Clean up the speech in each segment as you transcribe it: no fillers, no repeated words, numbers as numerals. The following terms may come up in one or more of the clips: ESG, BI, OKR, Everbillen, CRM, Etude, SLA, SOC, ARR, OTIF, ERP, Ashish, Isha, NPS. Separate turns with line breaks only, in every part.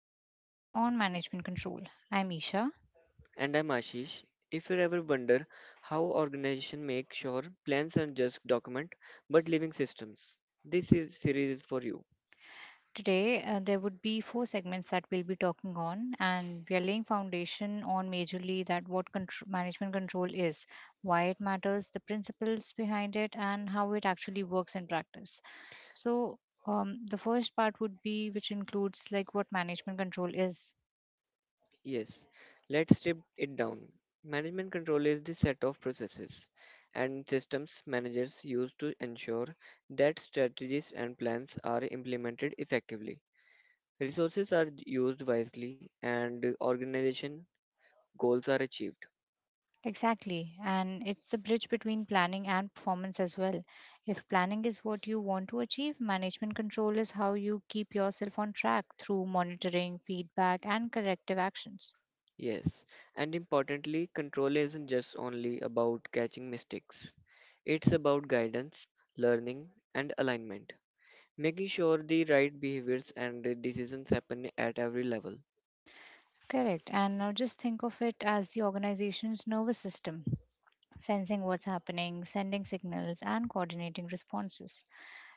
dive series on management control. I'm Isha.
And I'm Ashish. If you ever wonder how organizations make sure plans are just document but living systems, this is series is for you.
Today there would be four segments that we'll be talking on, and we are laying foundation on majorly that what management control is, why it matters, the principles behind it, and how it actually works in practice. So the first part would be which includes like what management control is.
Yes, let's strip it down. Management control is the set of processes and systems managers use to ensure that strategies and plans are implemented effectively. Resources are used wisely and organization goals are achieved.
Exactly. And it's the bridge between planning and performance as well. If planning is what you want to achieve, management control is how you keep yourself on track through monitoring, feedback, and corrective actions.
Yes, and importantly, control isn't just only about catching mistakes. It's about guidance, learning, and alignment, making sure the right behaviors and the decisions happen at every level.
Correct. And now just think of it as the organization's nervous system, sensing what's happening, sending signals, and coordinating responses.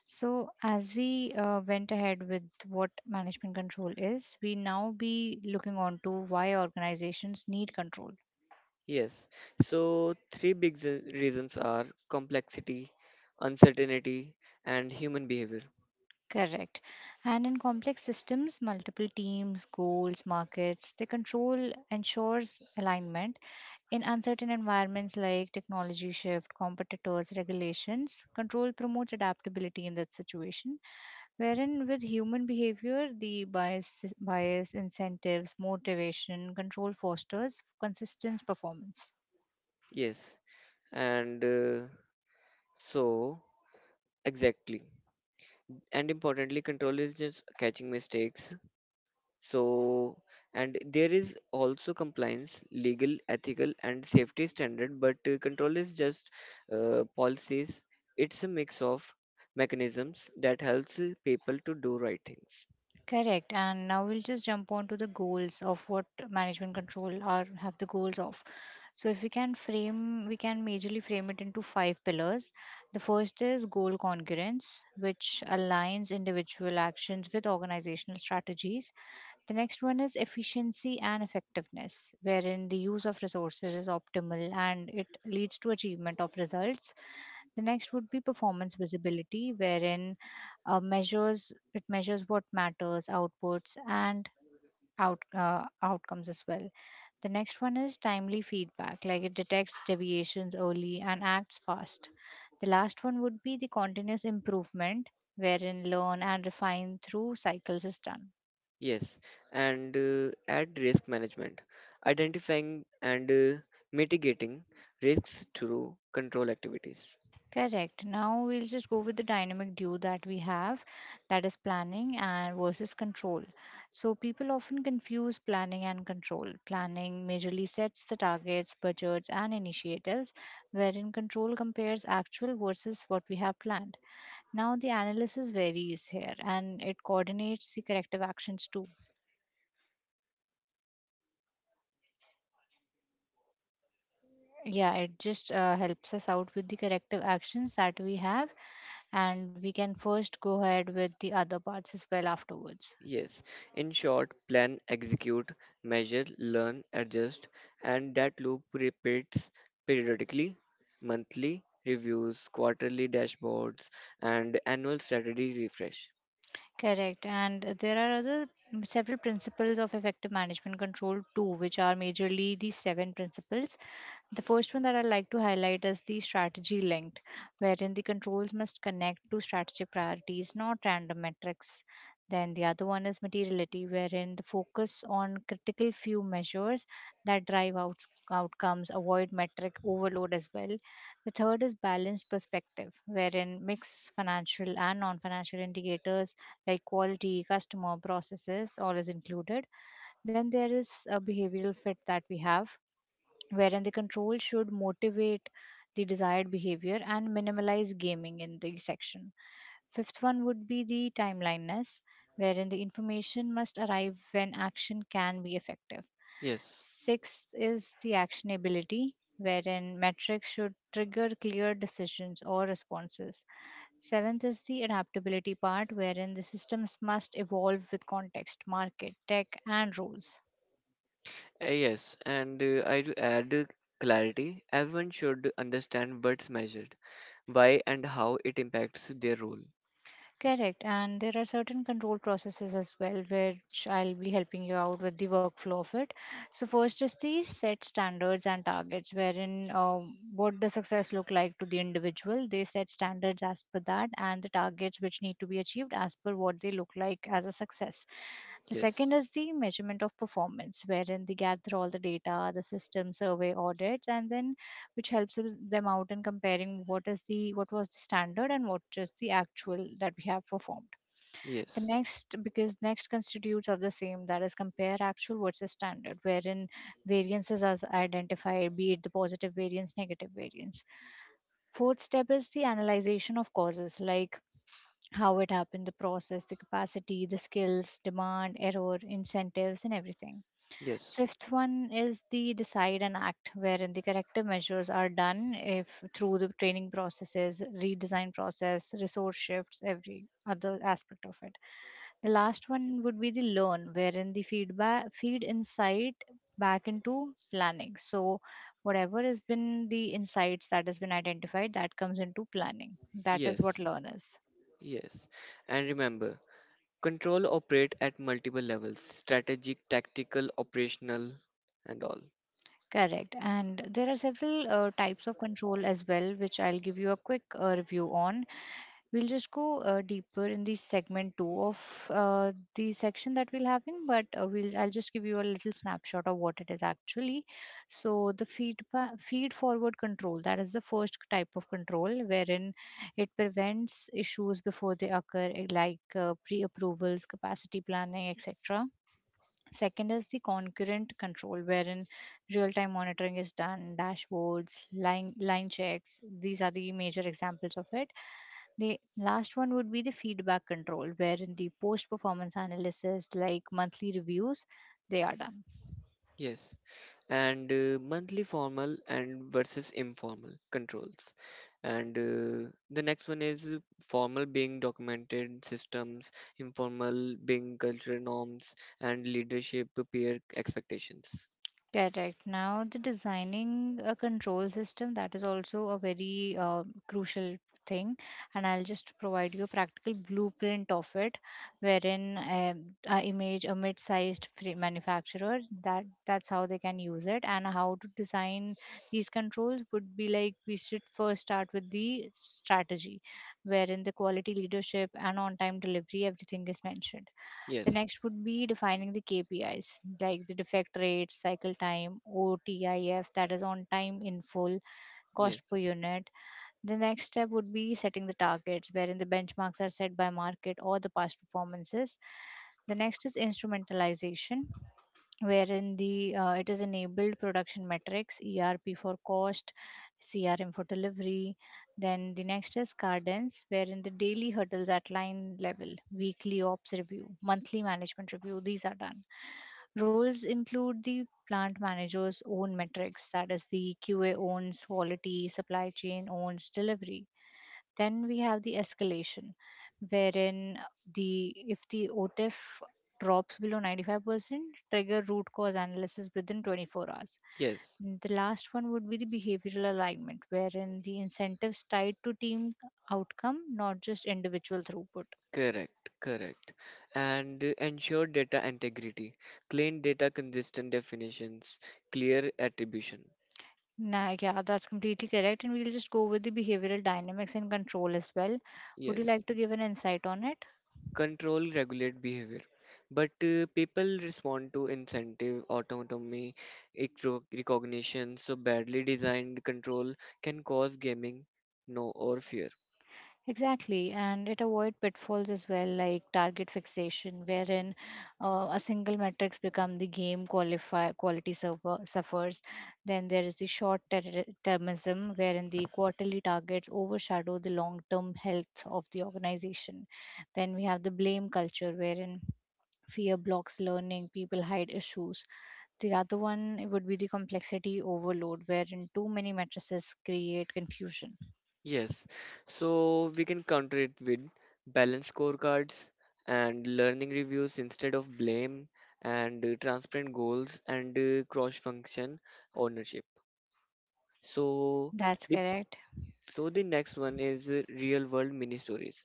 So, as we went ahead with what management control is, we now be looking on to why organizations need control.
Yes, so three big reasons are complexity, uncertainty, and human behavior.
Correct. And in complex systems, multiple teams, goals, markets, the control ensures alignment. In uncertain environments like technology shift, competitors, regulations, control promotes adaptability in that situation. Wherein with human behavior, the bias incentives, motivation, control fosters consistent performance.
Yes, and so exactly. And importantly, control is just catching mistakes. So, and there is also compliance, legal, ethical, and safety standard, but control is just policies. It's a mix of mechanisms that helps people to do right things.
Correct. And now we'll just jump on to the goals of what management control are have the goals of. So if we can frame, we can majorly frame it into five pillars. The first is goal congruence, which aligns individual actions with organizational strategies. The next one is efficiency and effectiveness, wherein the use of resources is optimal and it leads to achievement of results. The next would be performance visibility, wherein measures it measures what matters, outputs, and outcomes as well. The next one is timely feedback, like it detects deviations early and acts fast. The last one would be the continuous improvement, wherein learn and refine through cycles is done.
Yes, and at risk management, identifying and mitigating risks through control activities.
Correct. Now we'll just go with the dynamic duo that we have, that is planning and versus control. So people often confuse planning and control. Planning majorly sets the targets, budgets, and initiatives, wherein control compares actual versus what we have planned. Now the analysis varies here, and it coordinates the corrective actions too. Yeah, it just helps us out with the corrective actions that we have, and we can first go ahead with the other parts as well afterwards.
Yes, in short, plan, execute, measure, learn, adjust, and that loop repeats periodically, monthly reviews, quarterly dashboards, and annual strategy refresh.
Correct. And there are other several principles of effective management control too, which are majorly these seven principles. The first one that I like to highlight is the strategy linked, wherein the controls must connect to strategic priorities, not random metrics. Then the other one is materiality, wherein the focus on critical few measures that outcomes, avoid metric overload as well. The third is balanced perspective, wherein mix financial and non financial indicators like quality, customer, processes, all is included. Then there is a behavioral fit that we have, wherein the control should motivate the desired behavior and minimize gaming in the section. Fifth one would be the timeliness, wherein the information must arrive when action can be effective.
Yes,
Sixth is the actionability, wherein metrics should trigger clear decisions or responses. Seventh is the adaptability part, wherein the systems must evolve with context, market, tech, and rules.
yes, and I do add clarity. Everyone should understand what's measured, why, and how it impacts their role.
Correct. And there are certain control processes as well, which I'll be helping you out with the workflow of it. So, first is the set standards and targets, wherein what does success look like to the individual. They set standards as per that and the targets which need to be achieved as per what they look like as a success. The second
Yes,
is the measurement of performance, wherein they gather all the data, the system survey audits, and then which helps them out in comparing what was the standard and what is the actual that we have performed. The
yes,
next because next constitutes of the same, that is compare actual versus standard, wherein variances are identified, be it the positive variance, negative variance. Fourth step is the analyzation of causes, like how it happened, the process, the capacity, the skills, demand, error, incentives, and everything.
yes,
Fifth one is the decide and act, wherein the corrective measures are done if through the training processes, redesign process, resource shifts, every other aspect of it. The last one would be the learn, wherein the feedback feed insight back into planning. So whatever has been the insights that has been identified, that comes into planning. That is what
yes,
learn is.
yes. And remember, control operate at multiple levels, strategic, tactical, operational, and all.
Correct. And there are several types of control as well, which I'll give you a quick review on. We'll just go deeper in the segment two of the section that we'll have in, but we'll I'll just give you a little snapshot of what it is actually. So the feed forward control, that is the first type of control, wherein it prevents issues before they occur, eh, like pre-approvals, capacity planning, etc. Second is the concurrent control, wherein real-time monitoring is done, dashboards, line checks. These are the major examples of it. The last one would be the feedback control, wherein the post performance analysis, like monthly reviews, they are done.
Yes. And monthly formal and versus informal controls. And the next one is formal being documented systems, informal being cultural norms, and leadership peer expectations.
Correct. Now, the designing a control system, that is also a very crucial thing, and I'll just provide you a practical blueprint of it, wherein I image a mid-sized free manufacturer, that's how they can use it. And how to design these controls would be like we should first start with the strategy, wherein the quality leadership and on-time delivery everything is mentioned. The
Yes,
next would be defining the KPIs, like the defect rate, cycle time, OTIF, that is on time in full, cost per
yes,
unit. The next step would be setting the targets, wherein the benchmarks are set by market or the past performances. The next is instrumentalization, wherein the it is enabled production metrics, ERP for cost, CRM for delivery. Then the next is cadence, wherein the daily hurdles at line level, weekly ops review, monthly management review, these are done. Roles include the plant manager's own metrics, that is the QA owns quality, supply chain owns delivery. Then we have the escalation, wherein the if the OTIF drops below 95%, trigger root cause analysis within 24 hours.
yes.
The last one would be the behavioral alignment, wherein the incentives tied to team outcome, not just individual throughput.
Correct. And ensure data integrity, clean data, consistent definitions, clear attribution.
Nah, yeah, that's completely correct. And we'll just go with the behavioral dynamics and control as well. Would you
Yes,
like to give an insight on it?
control regulate behavior. But people respond to incentive, autonomy, recognition, so badly designed control can cause gaming, no, or fear.
Exactly, and it avoid pitfalls as well, like target fixation, wherein a single metrics become the game, qualify suffers. Then there is the termism, wherein the quarterly targets overshadow the long-term health of the organization. Then we have the blame culture, wherein fear blocks learning, people hide issues. The other one would be the complexity overload, wherein too many matrices create confusion.
Yes, so we can counter it with balanced scorecards and learning reviews instead of blame, and transparent goals and cross-function ownership. So
That's
the
correct.
so the next one is real-world mini stories.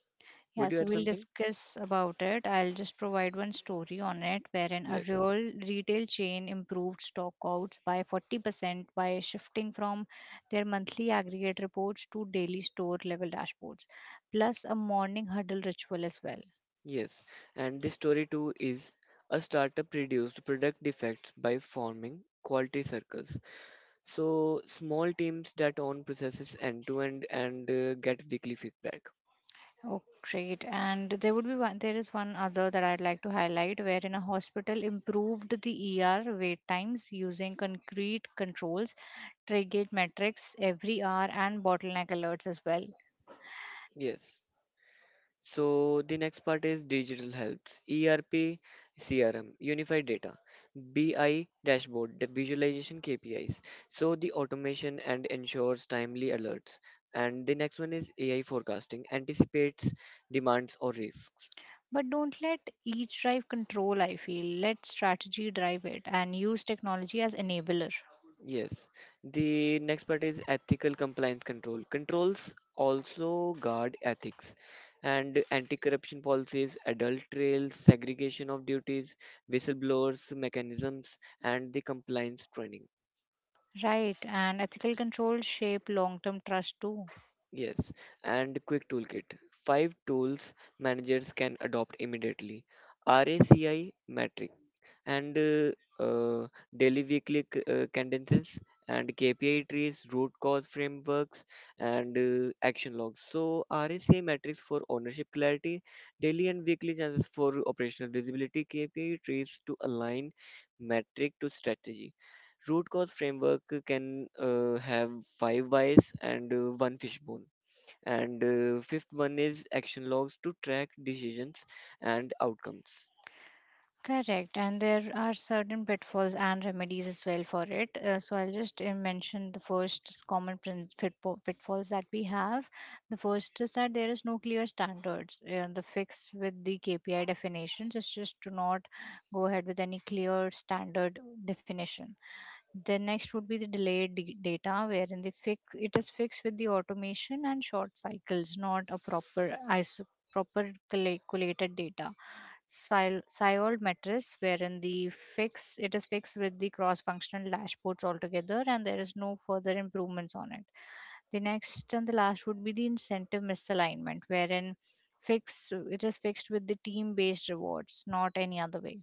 Yeah,
Would you
so
add
we'll
something?
discuss about it. I'll just provide one story on it wherein a
Yes,
real retail chain improved stockouts by 40% by shifting from their monthly aggregate reports to daily store level dashboards, plus a morning huddle ritual as well.
yes. And this story too is a startup reduced product defects by forming quality circles. So small teams that own processes end to end and get weekly feedback.
Oh, great. And there is one other that I'd like to highlight, wherein a hospital improved the ER wait times using concrete controls, triggered metrics every hour, and bottleneck alerts as well.
Yes. So the next part is digital helps. ERP, CRM, unified data, BI dashboard, the visualization KPIs. So the automation and ensures timely alerts. And the next one is AI forecasting, anticipates demands or risks.
But don't let each drive control, I feel. Let strategy drive it and use technology as enabler.
Yes. The next part is ethical compliance control. Controls also guard ethics and anti-corruption policies, adult trails, segregation of duties, whistleblowers mechanisms, and the compliance training.
Right, and ethical control shape long term trust too.
Yes. And quick toolkit. Five tools managers can adopt immediately. RACI matrix, and uh, daily weekly cadences and KPI trees, root cause frameworks, and action logs. So RSA metrics for ownership clarity, daily and weekly chances for operational visibility, KPI trees to align metric to strategy. Root cause framework can have 5 whys and one fishbone. And fifth one is action logs to track decisions and outcomes.
Correct, and there are certain pitfalls and remedies as well for it. So I'll just mention the first is common pitfalls that we have. The first is that there is no clear standards. The fix with the KPI definitions is just do not go ahead with any clear standard definition. The next would be the data, wherein the fix it is fixed with the automation and short cycles, not a proper calculated data. Sciold matrix, wherein the fix it is fixed with the cross-functional dashboards altogether, and there is no further improvements on it. The next and the last would be the incentive misalignment, wherein fix it is fixed with the team-based rewards, not any other way.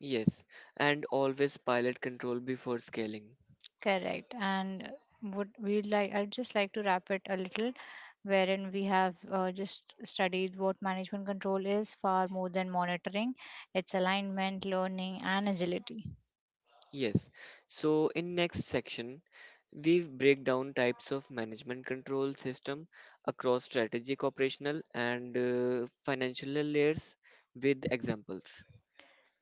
Yes, and always pilot control before scaling.
Correct. And would we like, I'd just like to wrap it a little, wherein we have just studied what management control is far more than monitoring, its alignment, learning, and agility.
Yes. So in next section, we break down types of management control system across strategic, operational, and financial layers with examples.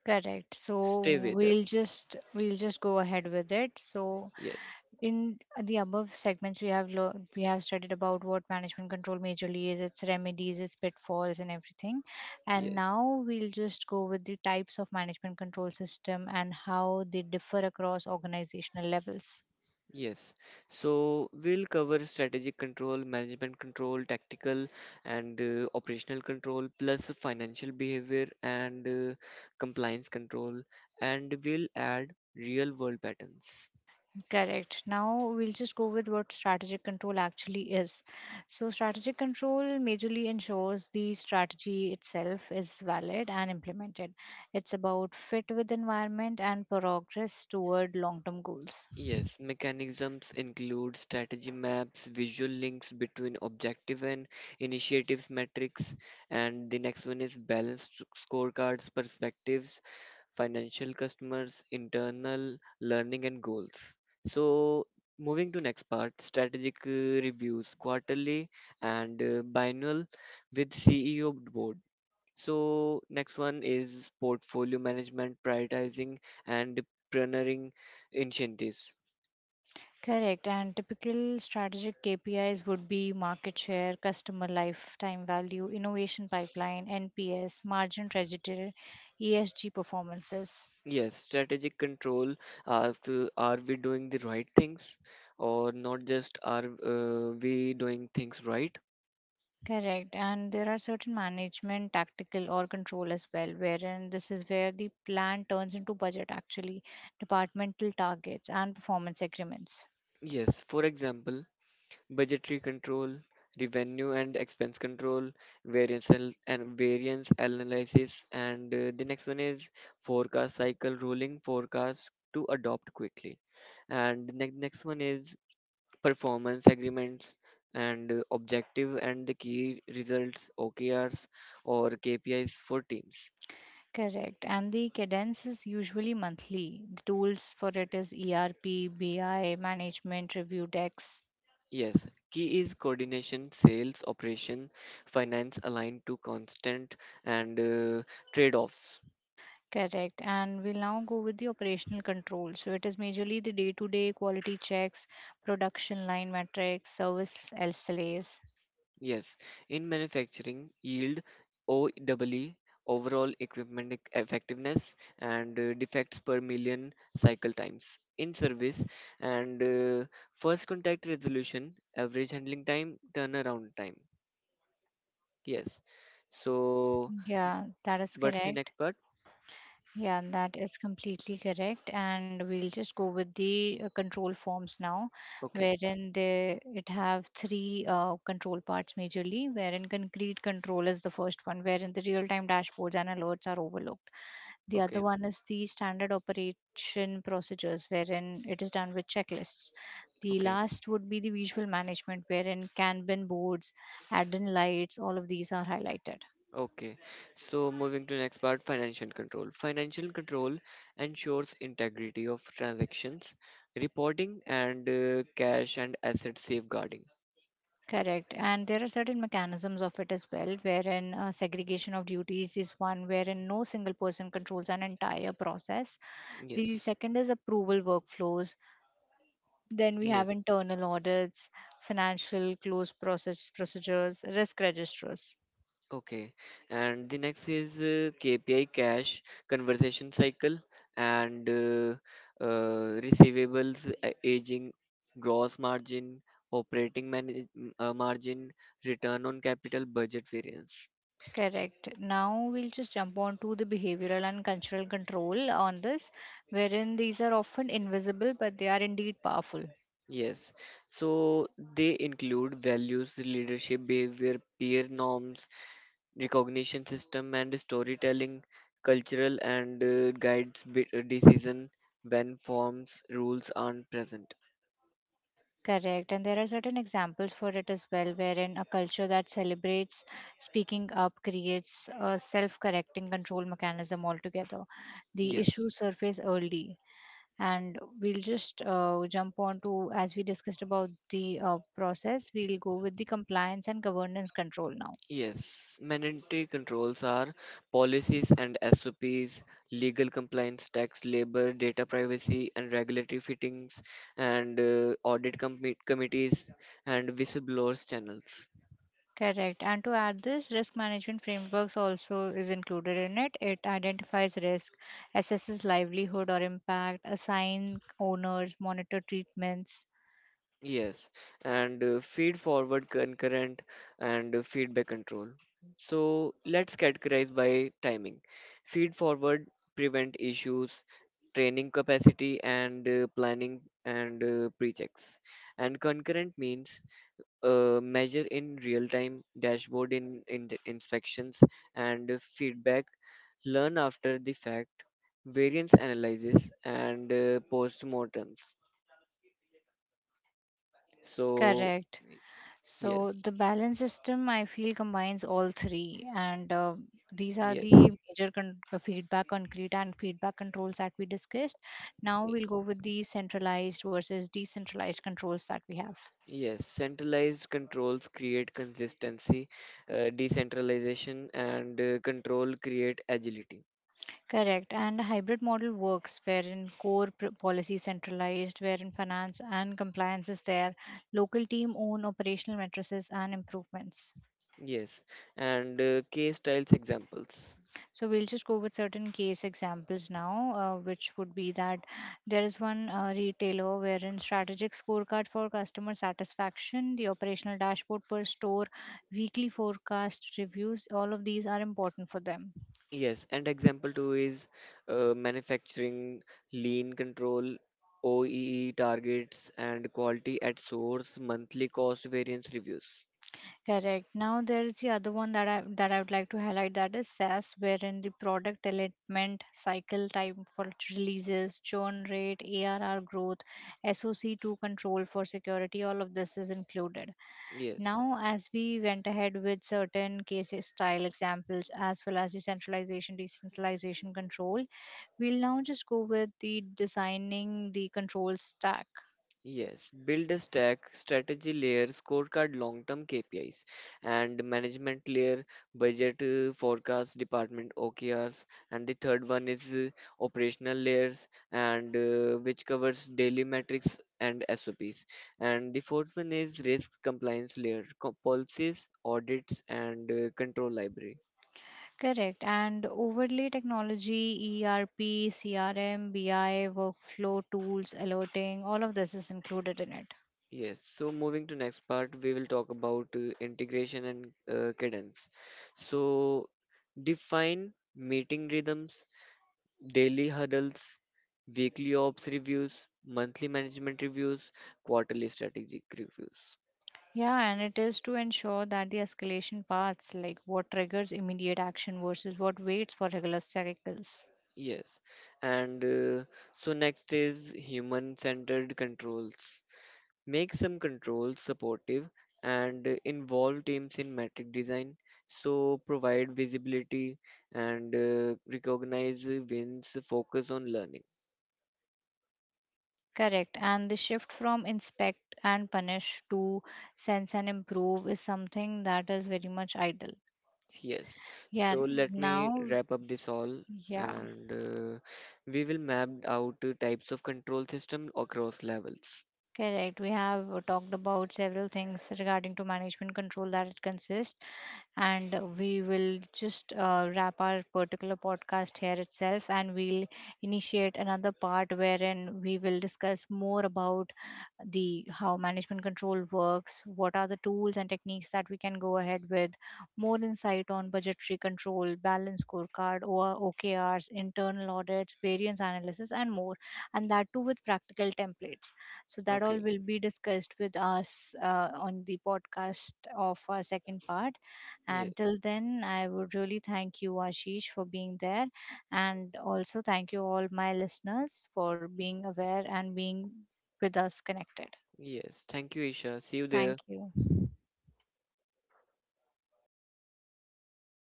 Correct. So
Stay with
we'll
us.
just we'll just go ahead with it. So
Yes.
in the above segments we have we have studied about what management control majorly is, its remedies, its pitfalls, and everything. And
Yes.
now we'll just go with the types of management control system and how they differ across organizational levels.
Yes, so we'll cover strategic control, management control, tactical and operational control, plus financial behavior and compliance control, and we'll add real world patterns.
Correct. Now we'll just go with what strategic control actually is. So, strategic control majorly ensures the strategy itself is valid and implemented. It's about fit with environment and progress toward long term goals.
Yes, mechanisms include strategy maps, visual links between objective and initiatives metrics, and the next one is balanced scorecards, perspectives financial customers, internal learning and goals. So moving to next part, strategic reviews, quarterly and biennial with CEO board. So next one is portfolio management, prioritizing and pioneering initiatives.
Correct. And typical strategic KPIs would be market share, customer lifetime value, innovation pipeline, NPS, margin trajectory, ESG performances.
Yes, strategic control asks, are we doing the right things, or not just are we doing things right?
Correct. And there are certain management, tactical, or control as well, wherein this is where the plan turns into budget actually, departmental targets, and performance agreements.
Yes, for example, budgetary control, revenue and expense control, variance analysis, and the next one is forecast cycle, rolling forecast to adopt quickly. And the next one is performance agreements and objective and the key results OKRs or KPIs for teams.
Correct. And the cadence is usually monthly. The tools for it is ERP, BI, management review decks.
Yes, key is coordination, sales, operation, finance aligned to constant and trade-offs.
Correct. And we'll now go with the operational control. So it is majorly the day-to-day quality checks, production line metrics, service SLAs.
Yes, in manufacturing, yield, OEE, overall equipment effectiveness, and defects per million cycle times. In service, and first contact resolution, average handling time, turnaround time. Yes. So,
Yeah, that is
what's the next
correct.
part?
Yeah, that is completely correct. And we'll just go with the control forms now,
Okay,
wherein they it have three control parts majorly, wherein concrete control is the first one, wherein the real-time dashboards and alerts are overlooked. The other
okay,
one is the standard operation procedures, wherein it is done with checklists. The
okay.
last would be the visual management, wherein Kanban boards, add-in lights, all of these are highlighted.
Okay, so moving to next part, financial control. Financial control ensures integrity of transactions, reporting, and cash and asset safeguarding.
Correct. And there are certain mechanisms of it as well, wherein segregation of duties is one, wherein no single person controls an entire process. The
Yes,
second is approval workflows. Then we
yes.
have internal audits, financial close process procedures, risk registers.
Okay, and the next is KPI cash conversion cycle and receivables aging, gross margin, operating margin, return on capital, budget variance.
Correct. Now we'll just jump on to the behavioral and cultural control on this, wherein these are often invisible but they are indeed powerful.
Yes, so they include values, leadership, behavior, peer norms, recognition system, and storytelling, cultural and guides decision when forms rules aren't present.
Correct. And there are certain examples for it as well, wherein a culture that celebrates speaking up creates a self correcting control mechanism altogether. The
Yes,
issues surface early. And we'll just jump on to, as we discussed about the process, we'll go with the compliance and governance control now.
yes. Mandatory controls are policies and SOPs, legal compliance, tax, labor, data privacy, and regulatory fittings, and audit committees and whistleblowers channels.
Correct. And to add this, risk management frameworks also is included in it. It identifies risk, assesses livelihood or impact, assign owners, monitor treatments.
Yes, and feed forward concurrent and feedback control. So let's categorize by timing. Feed forward prevent issues, training capacity, and planning and pre-checks. And concurrent means measure in real time, dashboard in the inspections, and feedback. Learn after the fact, variance analysis, and post-mortems. So
Correct. So
yes.
the balance system, I feel, combines all three, and these are
Yes,
the major feedback concrete and feedback controls that we discussed. Now we'll go
yes,
with the centralized versus decentralized controls that we have.
yes. Centralized controls create consistency, decentralization and control create agility.
Correct. And hybrid model works wherein policy centralized, wherein finance and compliance is there, local team own operational matrices and improvements.
Yes, and case styles examples.
So we'll just go with certain case examples now, which would be that there is one retailer wherein strategic scorecard for customer satisfaction, the operational dashboard per store, weekly forecast reviews, all of these are important for them.
Yes, and example two is manufacturing lean control, OEE targets, and quality at source monthly cost variance reviews.
Correct. Now there is the other one that I would like to highlight, that is SaaS, wherein the product development cycle time for releases, churn rate, ARR growth, SOC to control for security, all of this is included.
Yes,
Now, as we went ahead with certain cases style examples as well as the centralization, decentralization control, we'll now just go with the designing the control stack.
Yes, build a stack, strategy layer, scorecard, long term KPIs, and management layer, budget, forecast, department OKRs, and the third one is operational layers, and which covers daily metrics and SOPs. And the fourth one is risk compliance layer, policies, audits, and control library.
Correct. And overlay technology, ERP, CRM, BI, workflow tools, alerting, all of this is included in it.
Yes, so moving to next part, we will talk about integration and cadence. So define meeting rhythms, daily huddles, weekly ops reviews, monthly management reviews, quarterly strategic reviews.
Yeah, and it is to ensure that the escalation paths, like what triggers immediate action versus what waits for regular cycles.
Yes, and so next is human centered controls. Make some controls supportive and involve teams in metric design, so provide visibility and recognize wins, focus on learning.
Correct. And the shift from inspect and punish to sense and improve is something that is very much idle.
Yes,
Yeah,
so let me
now,
wrap up this all.
yeah.
And we will map out types of control system across levels.
Correct. We have talked about several things regarding to management control that it consists, and we will just wrap our particular podcast here itself, and we'll initiate another part wherein we will discuss more about the how management control works, what are the tools and techniques that we can go ahead with, more insight on budgetary control, balance scorecard or OKRs, internal audits, variance analysis, and more, and that too with practical templates, so that all
Okay.
will be discussed with us on the podcast of our second part. And
Yes.
till then, I would really thank you, Ashish, for being there. And also, thank you, all my listeners, for being aware and being with us connected.
Yes, thank you, Isha. See you
Thank
there.
you.